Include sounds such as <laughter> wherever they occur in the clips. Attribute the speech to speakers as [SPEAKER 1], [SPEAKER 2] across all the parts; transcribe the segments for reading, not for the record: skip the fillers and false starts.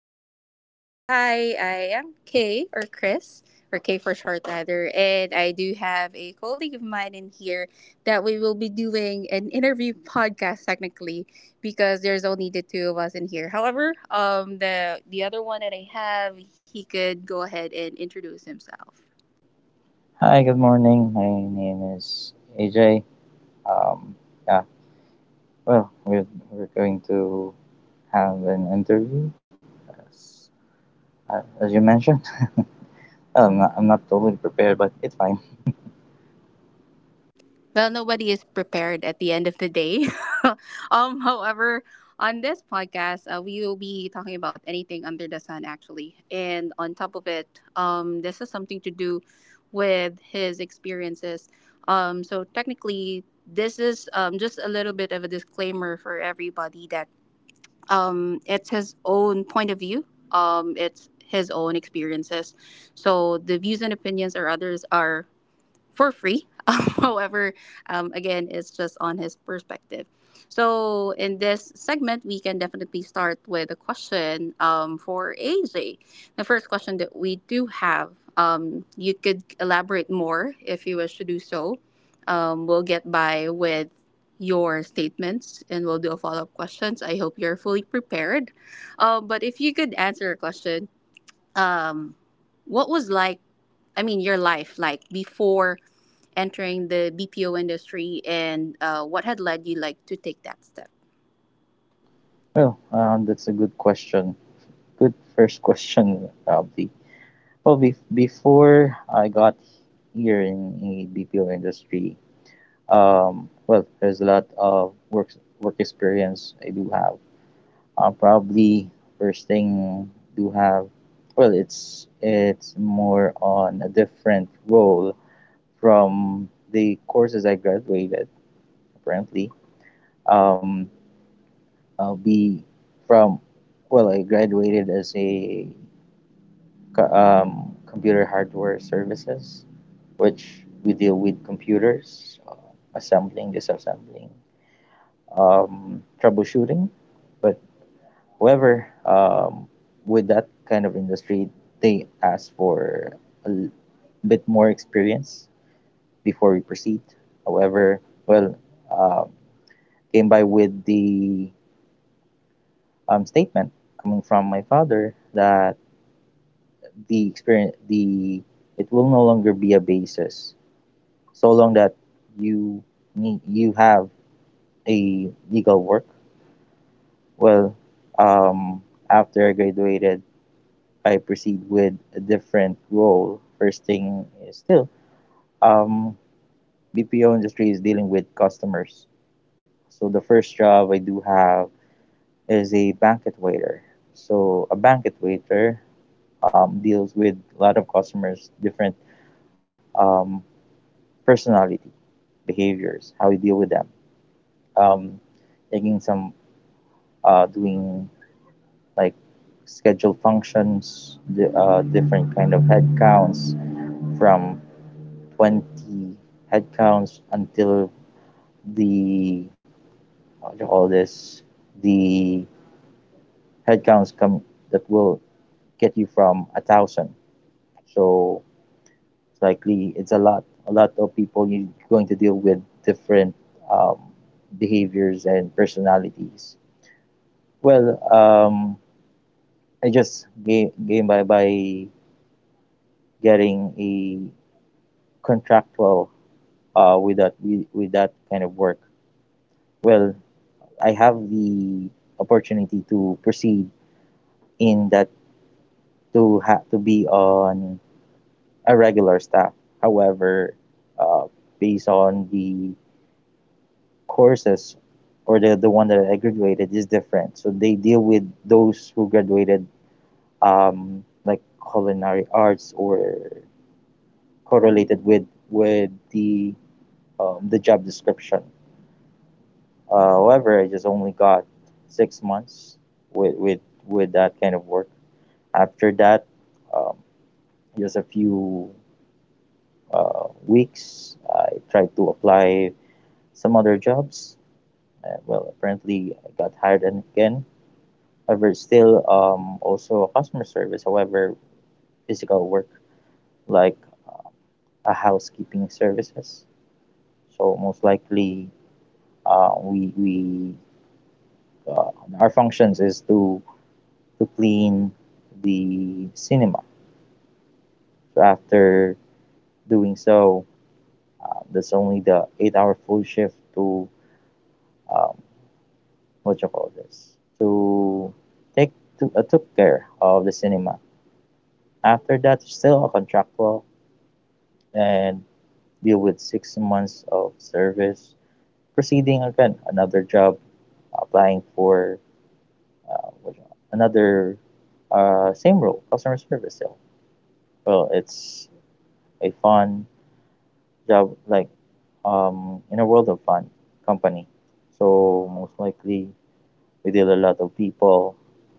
[SPEAKER 1] everyone. Hi, I am Kay or Chris or Kay for short, rather, and I do have a colleague of mine in here that we will be doing an interview <laughs> podcast technically because there's only the two of us in here. However, the other one that I have, he could go ahead and introduce himself.
[SPEAKER 2] Hi, good morning. My name is AJ. Um, yeah, well, we're, we're going to have an interview, as, as you mentioned. <laughs> I'm not totally prepared, but it's fine.
[SPEAKER 1] Well, nobody is prepared at the end of the day. <laughs> However, on this podcast, we will be talking about anything under the sun, actually. And on top of it, this is something to do with his experiences. So technically, this is just a little bit of a disclaimer for everybody that it's his own point of view. It's his own experiences. So the views and opinions or others are for free. <laughs> However, again, it's just on his perspective. So, in this segment, we can definitely start with a question for AJ. The first question that we do have, you could elaborate more if you wish to do so. We'll get by with your statements and we'll do a follow up questions. I hope you're fully prepared. But if you could answer a question, um, what was like, I mean, your life like before entering the BPO industry and what had led you like to take that step?
[SPEAKER 2] That's a good question. Good first <laughs> question, probably. Well, before I got here in the BPO industry, well, there's a lot of work experience I do have. Probably first thing do have, well it's more on a different role from the courses I graduated apparently. Um, I'll be from Well, I graduated as a computer hardware services, which we deal with computers, assembling, disassembling, troubleshooting, but However, with that kind of industry, they ask for a bit more experience before we proceed. However, well, um, came by with the statement coming from my father that the experience, the it will no longer be a basis so long that you you have a legal work. Well, um, after I graduated, I proceed with a different role. First thing is still, um, BPO industry is dealing with customers. So the first job I do have is a banquet waiter. So a banquet waiter deals with a lot of customers, different um, personality, behaviors, how we deal with them. Um, Taking some, doing like scheduled functions, the, different kind of head counts from 20 headcounts until the what do you call this the headcounts come that will get you from 1,000. So it's likely it's a lot of people you're going to deal with, different um, behaviors and personalities. Well, I just gain by getting a contractual, with that, with that kind of work. Well, I have the opportunity to proceed in that, to have to be on a regular staff. However, uh, based on the courses, or the one that I graduated is different. So they deal with those who graduated like culinary arts or correlated with with the the job description. However, I just only got 6 months with with that kind of work. After that, um, just a few weeks, I tried to apply some other jobs. Well, apparently, I got hired and again. However, still also customer service, however, physical work like a housekeeping services. So most likely, we uh, our functions is to clean the cinema. So after doing so, uh, that's only the eight-hour full shift to, um, what you call this to take to, took care of the cinema. After that, still a contractual and deal with 6 months of service. Proceeding again, another job, applying for another same role, customer service still. Well, it's a fun job, like in a world of fun company. So most likely we deal a lot of people,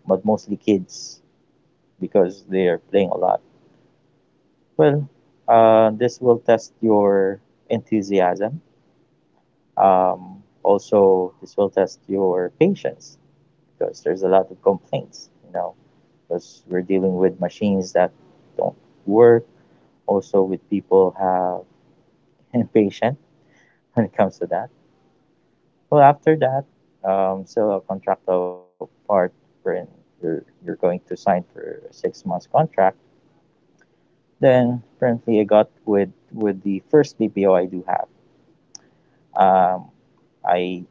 [SPEAKER 2] but mostly kids because they are playing a lot. Well, this will test your enthusiasm. Um, Also, this will test your patience because there's a lot of complaints, you know, because we're dealing with machines that don't work. Also, with people have <laughs> impatient when it comes to that. Well, after that, so a contractual part wherein you're going to sign for a 6 months contract. Then currently I got with the first BPO I do have. Um, I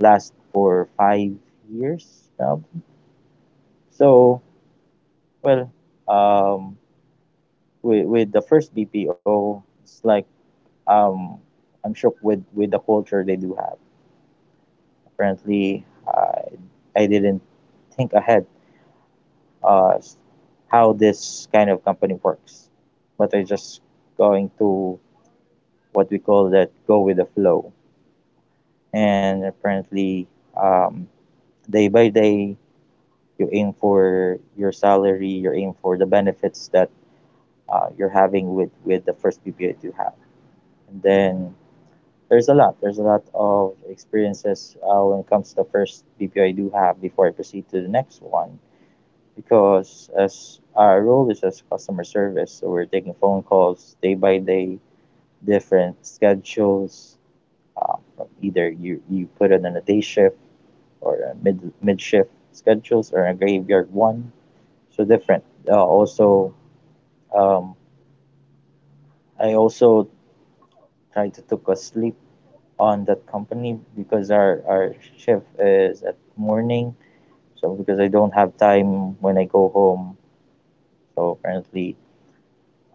[SPEAKER 2] last for 5 years now. So well, um, with the first BPO, it's like um, I'm shocked with the culture they do have. Apparently, I didn't think ahead uh, how this kind of company works, but I just going to what we call that, go with the flow. And apparently um, day by day you aim for your salary, you aim for the benefits that you're having with the first bpa that you have. And then there's a lot of experiences when it comes to the first bpo I do have before I proceed to the next one. Because as our role is as customer service, so we're taking phone calls day by day, different schedules, um, either you put it on a day shift, or a mid shift schedules, or a graveyard one. So different. Also, um, I also tried to took a sleep on that company because our shift is at morning. So because I don't have time when I go home. So apparently,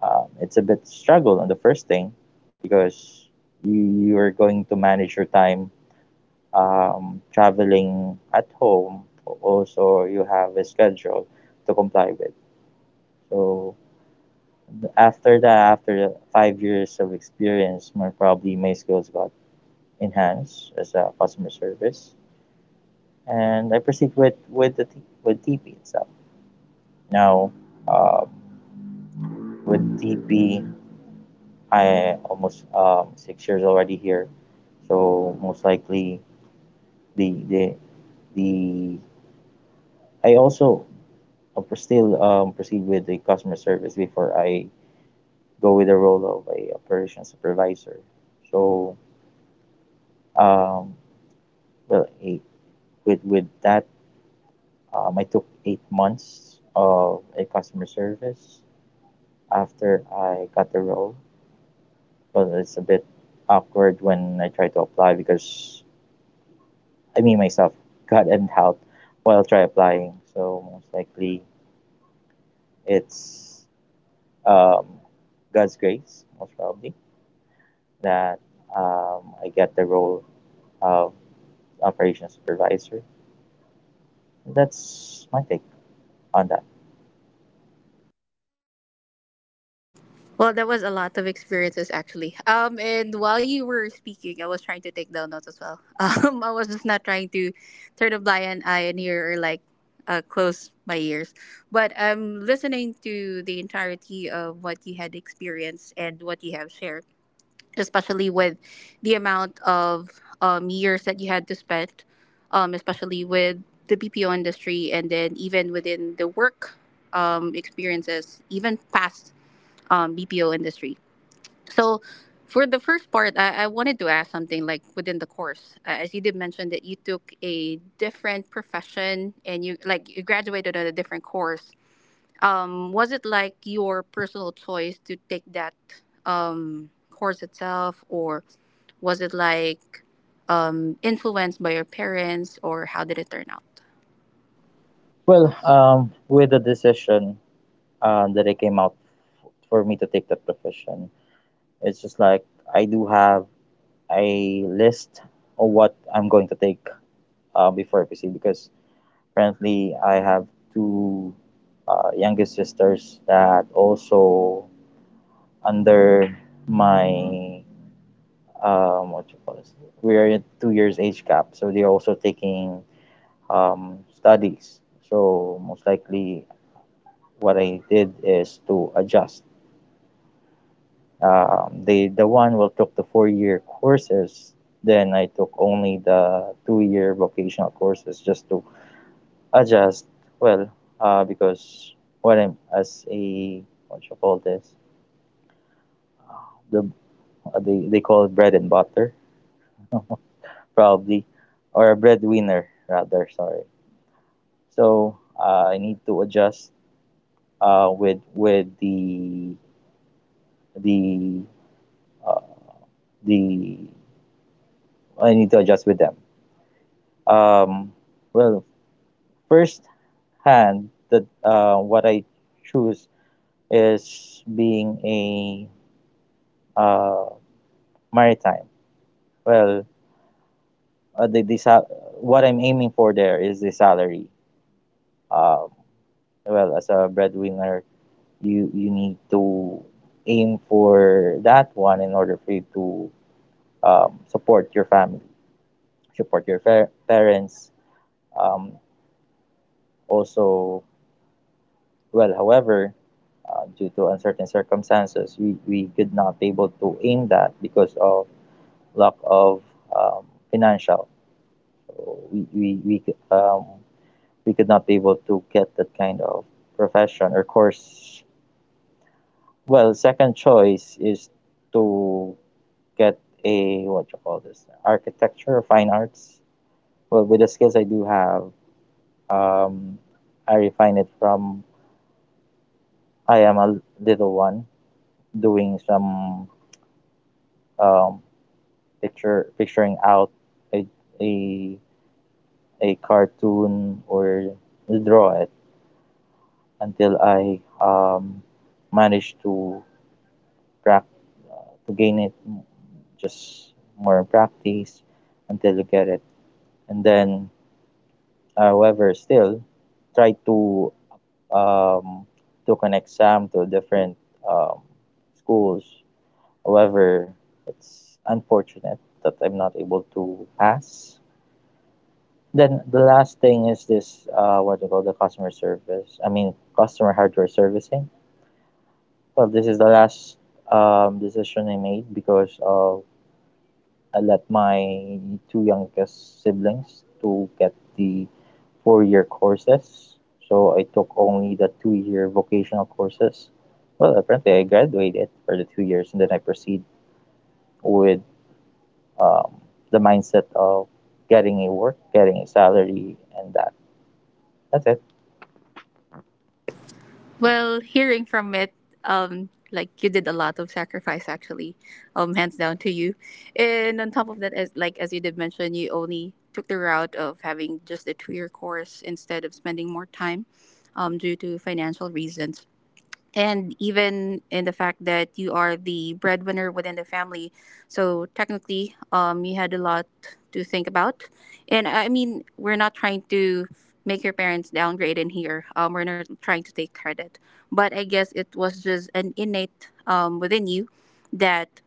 [SPEAKER 2] it's a bit struggle on the first thing because you are going to manage your time traveling at home. Also, you have a schedule to comply with. So after that, after 5 years of experience, more probably my skills got enhanced as a customer service, and I proceed with the with TP itself. Now, um, with TP, I almost 6 years already here. So most likely the the the I also still proceed with the customer service before I go with the role of a operation supervisor. So um, well eight with that, I took 8 months of a customer service after I got the role. But it's a bit awkward when I try to apply because I mean myself <laughs> got an out while try applying. So most likely it's, um, god's grace most probably, that I get the role of operations supervisor. That's my take on that.
[SPEAKER 1] Well, there was a lot of experiences actually. And while you were speaking, I was trying to take down notes as well. <laughs> I was just not trying to turn a blind eye and ear or like close my ears, but I'm listening to the entirety of what you had experienced and what you have shared. Especially with the amount of years that you had to spend, especially with the BPO industry, and then even within the work experiences, even past BPO industry. So, for the first part, I wanted to ask something like within the course, as you did mention that you took a different profession and you like you graduated at a different course, was it like your personal choice to take that course itself, or was it like influenced by your parents, or how did it turn out?
[SPEAKER 2] Well, with the decision that I came out for me to take that profession, it's just like I do have a list of what I'm going to take before PC. Because currently I have two youngest sisters that also under my, what you call this? We are in 2 years age gap, so they're also taking studies. So most likely, what I did is to adjust, the one who took the 4 year courses, then I took only the 2 year vocational courses just to adjust. Well, because what I'm as a, what you call this the they call it bread and butter, probably, or a breadwinner rather, sorry. So I need to adjust with the uh, the I need to adjust with them. um, well First hand, the what I choose is being a, uh, maritime. Well, uh, the, the sa- what I'm aiming for there is the salary. Um, well, as a breadwinner, you need to aim for that one in order for you to support your family, support your parents, um, also. Well, however, due to uncertain circumstances, we could not be able to aim that because of lack of um, financial. So we could not be able to get that kind of profession or course. Well, second choice is to get a, what you call this, architecture, fine arts. Well, with the skills I do have, um, I refine it from I am a little one, doing some um, picture picturing out a a a cartoon or draw it until I managed to prac to gain it, just more practice until you get it. And then, however, still try to um, took an exam to different um, schools. However, it's unfortunate that I'm not able to pass. Then the last thing is this, what do you call the customer service? I mean, customer hardware servicing. Well, this is the last decision I made because of I let my two youngest siblings to get the four-year courses. So I took only the two-year vocational courses. Well, apparently I graduated for the 2 years, and then I proceed with um, the mindset of getting a work, getting a salary, and that. That's it.
[SPEAKER 1] Well, hearing from it, like you did a lot of sacrifice actually, hands down to you. And on top of that, as like as you did mention, you only took the route of having just a 2-year course instead of spending more time, due to financial reasons. And even in the fact that you are the breadwinner within the family, so technically you had a lot to think about, and I mean we're not trying to make your parents downgrade in here, we're not trying to take credit, but I guess it was just an innate, within you that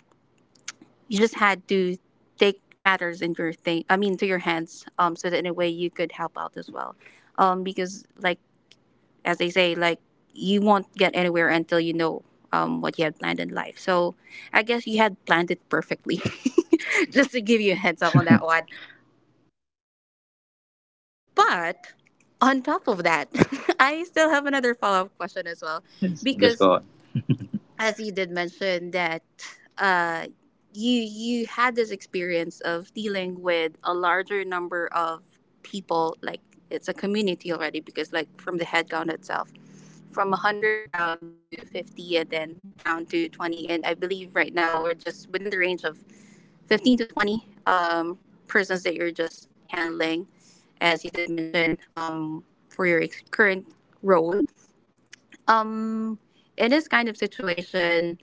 [SPEAKER 1] you just had to take matters in your thing, I mean to your hands, so that in a way you could help out as well, because like as they say, like you won't get anywhere until you know what you had planned in life. So I guess you had planned it perfectly, <laughs> just to give you a heads up on that one. But on top of that, <laughs> I still have another follow up question as well, because as you did mention that uh, you had this experience of dealing with a larger number of people, like it's a community already, because like from the headcount itself from 100 down to 50 and then down to 20, and I believe right now we're just within the range of 15 to 20 persons that you're just handling, as you did mention, for your current role. um, in this kind of situation,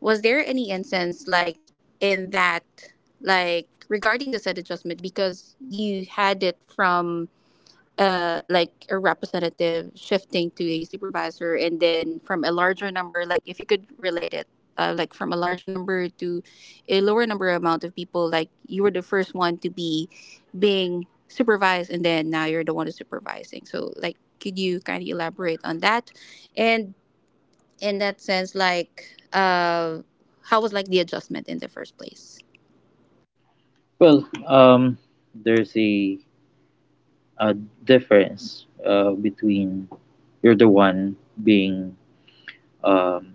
[SPEAKER 1] was there any instance like in that, like regarding the said adjustment, because you had it from like a representative shifting to a supervisor, and then from a larger number, like if you could relate it, like from a larger number to a lower number amount of people, like you were the first one to be being supervised and then now you're the one who's supervising, so like could you kind of elaborate on that, and in that sense like how was like the adjustment in the first place?
[SPEAKER 2] Well, there's a, a difference between you're the one being um,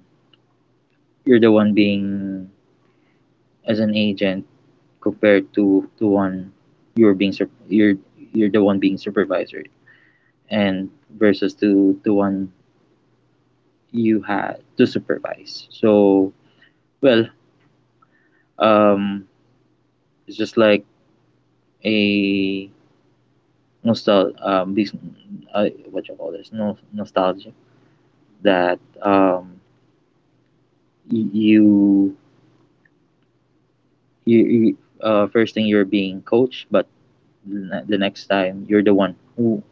[SPEAKER 2] you're the one being as an agent compared to the one you're being sup- you're you're the one being supervisor and versus to the one you had to supervise. So well, um, it's just like a nostal this- what you call this no nostalgia that you you first thing you're being coached, but the next time you're the one who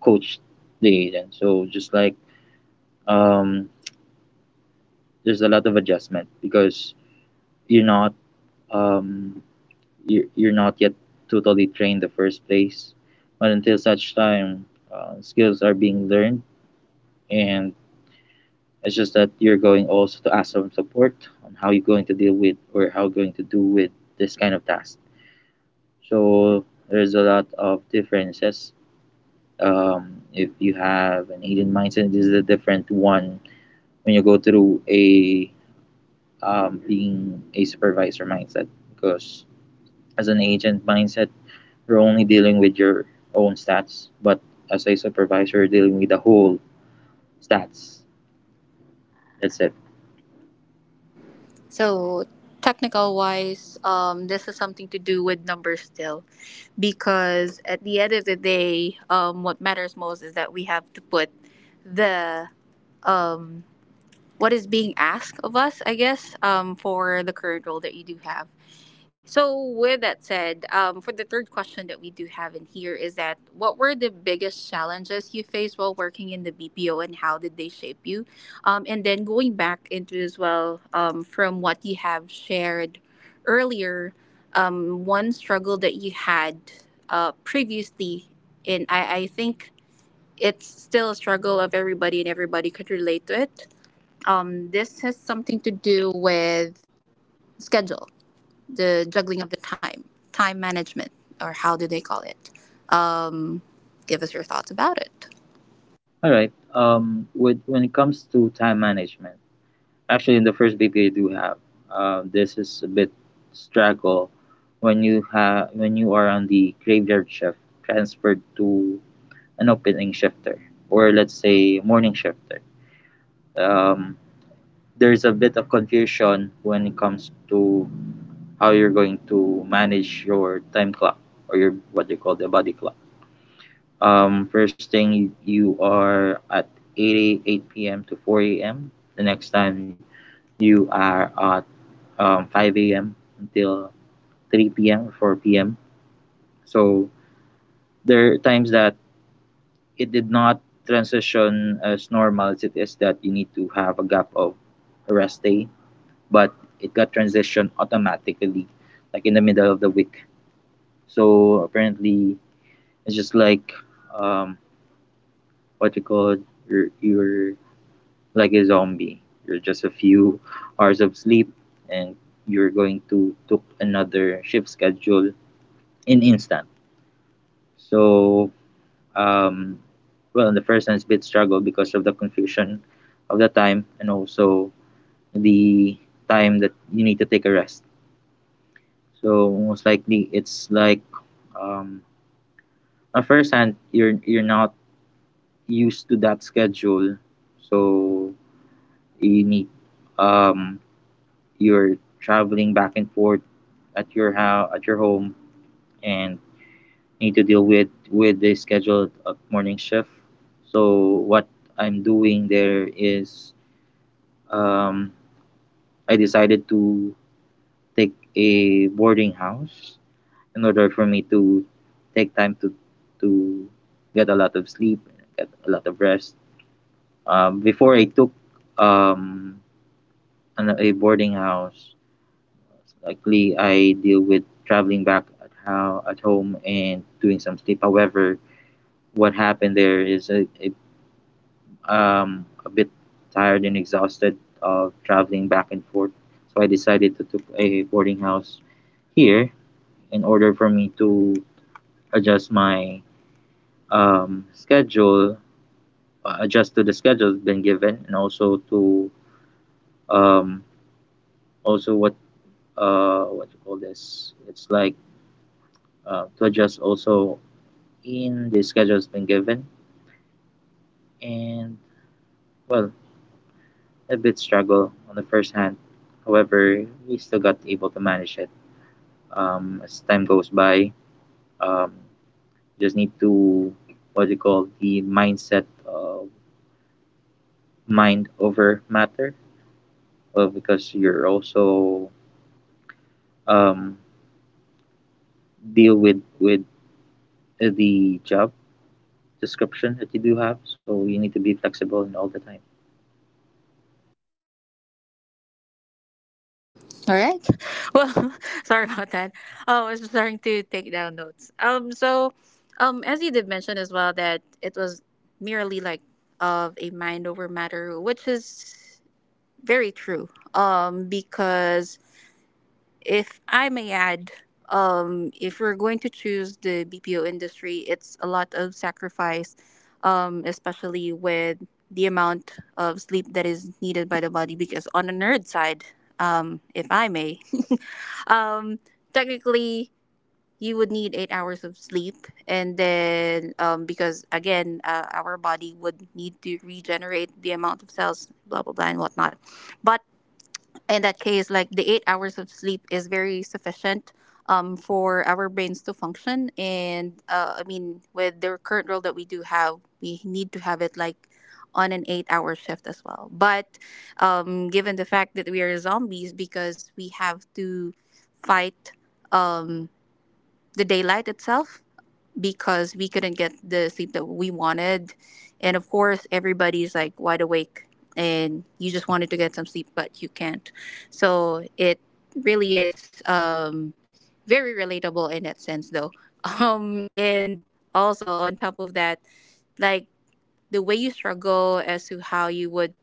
[SPEAKER 2] coached the agent. So just like um, there's a lot of adjustment because you're not um, you're not yet totally trained the first place, but until such time skills are being learned. And it's just that you're going also to ask some support on how you're going to deal with, or how you're going to do with this kind of task. So there's a lot of differences. If you have an Asian mindset, this is a different one when you go through a being a supervisor mindset. Because as an agent mindset, you're only dealing with your own stats, but as a supervisor, you're dealing with the whole stats. That's it.
[SPEAKER 1] So technical wise, this is something to do with numbers still, because at the end of the day, what matters most is that we have to put the, um what is being asked of us, I guess, for the current role that you do have. So, with that said, for the third question that we do have in here is that, what were the biggest challenges you faced while working in the BPO and how did they shape you? And then going back into as well, from what you have shared earlier, one struggle that you had previously, and I think it's still a struggle of everybody and everybody could relate to it. This has something to do with schedule, the juggling of the time, time management, or how do they call it? Um, Give us your thoughts about it.
[SPEAKER 2] All right. With when it comes to time management, actually, in the first BP I do have, this is a bit struggle when you have when you are on the graveyard shift transferred to an opening shifter or let's say morning shifter. Um, there's a bit of confusion when it comes to how you're going to manage your time clock or your what you call the body clock. First thing you are at 8 p.m. to 4 a.m. The next time you are at 5 a.m. until 3 p.m. or 4 p.m. So there are times that it did not transition as normal as it is, that you need to have a gap of a rest day, but it got transitioned automatically, like in the middle of the week. So apparently, it's just like, um, what you call, you're like a zombie. You're just a few <laughs> hours of sleep and you're going to took another shift schedule in instant. So, um, well, in the first sense, bit struggle because of the confusion of the time and also the time that you need to take a rest. So most likely, it's like, um, at first hand, you're not used to that schedule, so you need, um, you're traveling back and forth at your house at your home and need to deal with the scheduled morning shift. So what I'm doing there is, um, I decided to take a boarding house in order for me to take time to to get a lot of sleep, get a lot of rest. Before I took um, a boarding house, likely I deal with traveling back at how at home and doing some sleep. However, what happened there is I a bit tired and exhausted of traveling back and forth, so I decided to took a boarding house here in order for me to adjust my schedule, adjust to the schedule been given, and also to um, also what, what you call this? It's like, to adjust also in the schedule's been given, and well, a bit struggle on the first hand. However, we still got able to manage it, as time goes by. Um, just need to what you call the mindset of mind over matter. Well, because you're also, um, deal with the job description that you do have, so you need to be flexible and all the time.
[SPEAKER 1] All right. Well, <laughs> sorry about that. Oh, I was just starting to take down notes. So as you did mention as well that it was merely like of a mind over matter, which is very true. Because if I may add, if we're going to choose the BPO industry, it's a lot of sacrifice, especially with the amount of sleep that is needed by the body. Because on the nerd side, if I may, <laughs> um, technically you would need 8 hours of sleep, and then because again, our body would need to regenerate the amount of cells, blah blah blah, and whatnot. But in that case, like the 8 hours of sleep is very sufficient for our brains to function. And I mean, with the current role that we do have, we need to have it like on an 8-hour shift as well. But given the fact that we are zombies because we have to fight um, the daylight itself, because we couldn't get the sleep that we wanted. And of course, everybody's like wide awake and you just wanted to get some sleep, but you can't. So it really is very relatable in that sense, though. <laughs> And also, on top of that, like the way you struggle as to how you would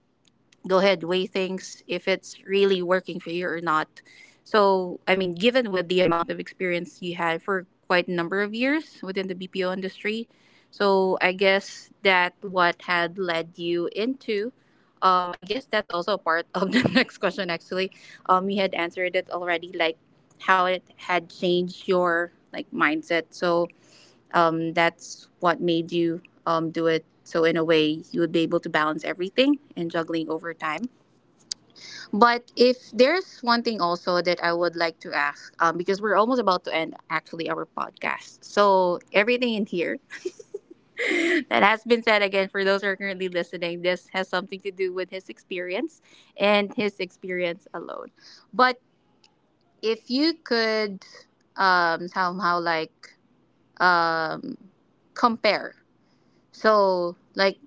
[SPEAKER 1] go ahead weigh things if it's really working for you or not, so I mean given with the amount of experience you had for quite a number of years within the BPO industry, so I guess that what had led you into, I guess that's also a part of the <laughs> next question actually. You had answered it already, like how it had changed your like mindset, so that's what made you do it, so in a way you would be able to balance everything and juggling over time. But if there's one thing also that I would like to ask, because we're almost about to end actually our podcast. So everything in here <laughs> that has been said, again, for those who are currently listening, this has something to do with his experience and his experience alone. But if you could somehow like um compare. So like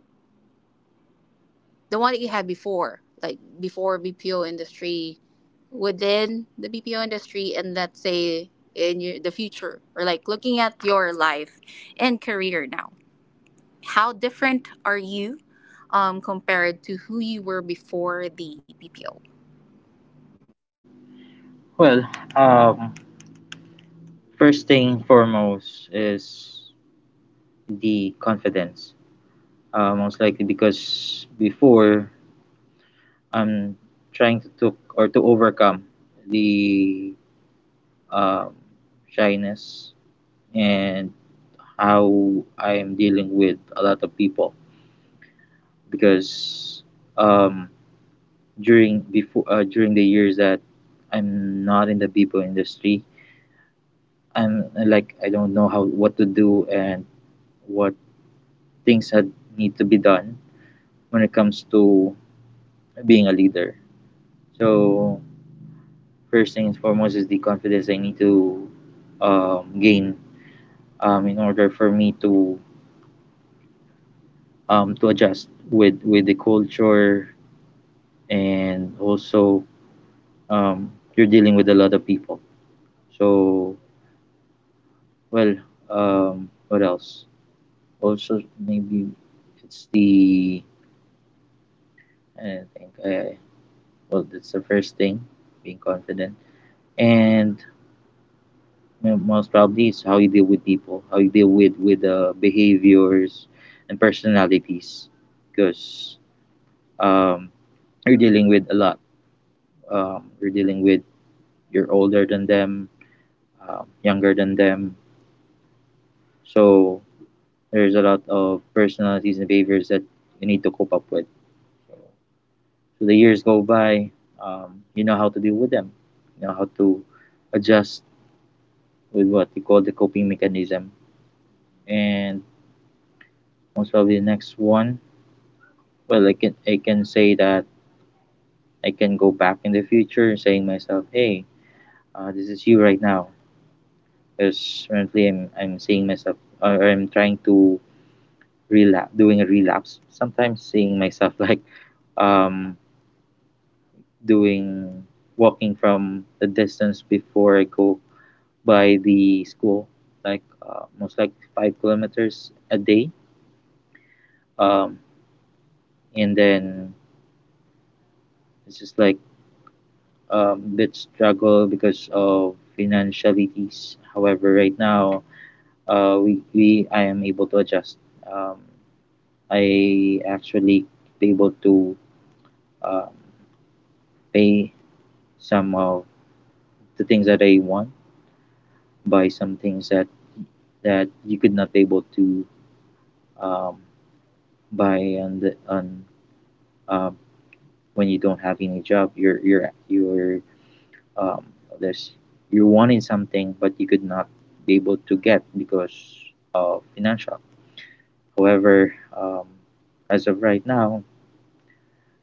[SPEAKER 1] the one that you had before, like before BPO industry, within the BPO industry, and let's say in your, the future, or like looking at your life and career now, how different are you compared to who you were before the BPO?
[SPEAKER 2] Well, um, first thing foremost is the confidence. Most likely because before, I'm trying to took or to overcome the, um, shyness and how I am dealing with a lot of people, because um, during before, during the years that I'm not in the people industry, I'm like I don't know how what to do and what things had need to be done when it comes to being a leader. So first things foremost is the confidence I need to gain, in order for me to adjust with the culture, and also, you're dealing with a lot of people. So well, what else also, maybe it's the, i think I, well, that's the first thing, being confident. And you know, most probably it's how you deal with people, how you deal with behaviors and personalities, because um, you're dealing with a lot, you're dealing with, you're older than them, younger than them. So there's a lot of personalities and behaviors that you need to cope up with. So the years go by, you know how to deal with them, you know how to adjust with what we call the coping mechanism. And most probably the next one, well, I can say that I can go back in the future, saying myself, hey, this is you right now, because currently I'm seeing myself, or I'm trying to relapse, doing a relapse. Sometimes seeing myself <laughs> like, um, doing walking from the distance before I go by the school, like most like 5 kilometers a day. Um, and then it's just like, bit struggle because of financialities. However, right now, we I am able to adjust. Um, I actually be able to um, pay some of the things that I want, buy some things that you could not be able to um, buy on the on um, when you don't have any job. You're um, there's, you're wanting something, but you could not be able to get because of financial. However, as of right now,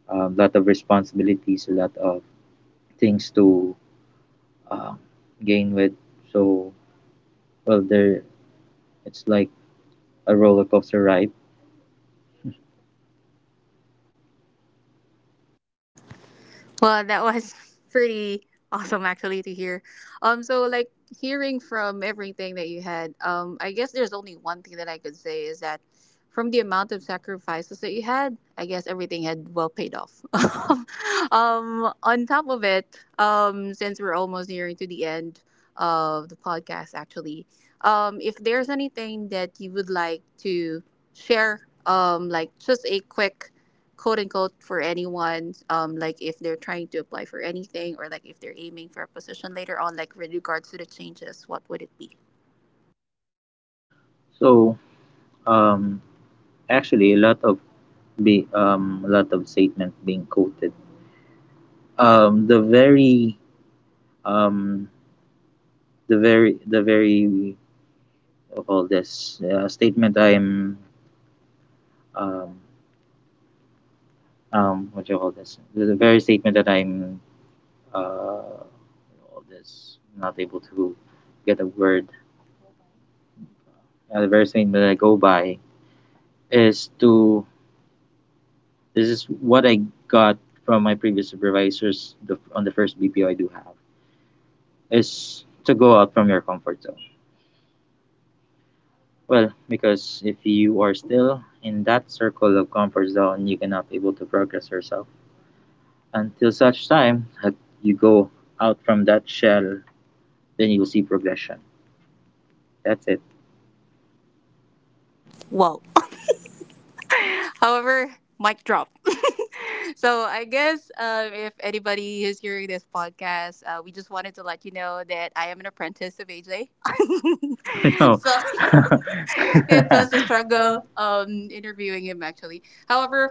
[SPEAKER 2] a lot of responsibilities, a lot of things to um, gain with. So well, there it's like a roller coaster ride.
[SPEAKER 1] Well, that was <laughs> pretty awesome actually to hear. So like hearing from everything that you had, I guess there's only one thing that I could say is that from the amount of sacrifices that you had, I guess everything had well paid off. <laughs> On top of it, since we're almost nearing to the end of the podcast, actually, if there's anything that you would like to share, like just a quick quote unquote for anyone, like if they're trying to apply for anything, or like if they're aiming for a position later on, like with regards to the changes, what would it be?
[SPEAKER 2] So um, actually, a lot of statement being quoted. The very um the very the very of all this statement I'm um what do you call this the, very statement that I'm uh all this not able to get a word The very statement that I go by is to, this is what I got from my previous supervisors, on the first BPO I do have, is to go out from your comfort zone. Well, because if you are still in that circle of comfort zone, you cannot able to progress yourself until such time that you go out from that shell. Then you will see progression. That's it.
[SPEAKER 1] Whoa. <laughs> However, mic drop. <laughs> So I guess, if anybody is hearing this podcast, we just wanted to let you know that I am an apprentice of AJ.
[SPEAKER 2] <laughs>
[SPEAKER 1] <laughs>
[SPEAKER 2] No.
[SPEAKER 1] So
[SPEAKER 2] <laughs>
[SPEAKER 1] <laughs> it was a struggle interviewing him actually. However,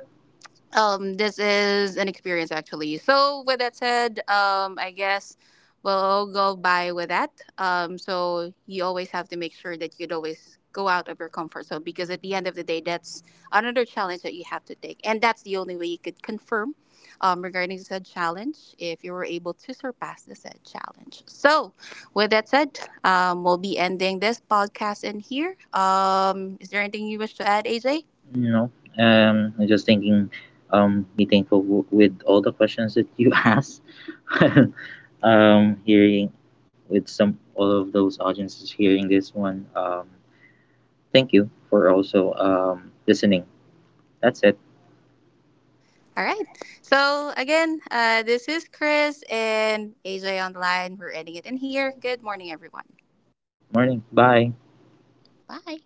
[SPEAKER 1] this is an experience actually. So with that said, I guess we'll go by with that. So you always have to make sure that you'd always go out of your comfort zone, because at the end of the day, that's another challenge that you have to take, and that's the only way you could confirm, regarding said challenge, if you were able to surpass the said challenge. So with that said, we'll be ending this podcast in here. Is there anything you wish to add, AJ?
[SPEAKER 2] You know, I'm just thinking, be thankful with all the questions that you <laughs> asked. <laughs> Hearing with some all of those audiences hearing this one, thank you for also listening. That's it.
[SPEAKER 1] All right. So again, this is Chris and AJ on the line. We're ending it in here. Good morning, everyone.
[SPEAKER 2] Morning. Bye.
[SPEAKER 1] Bye.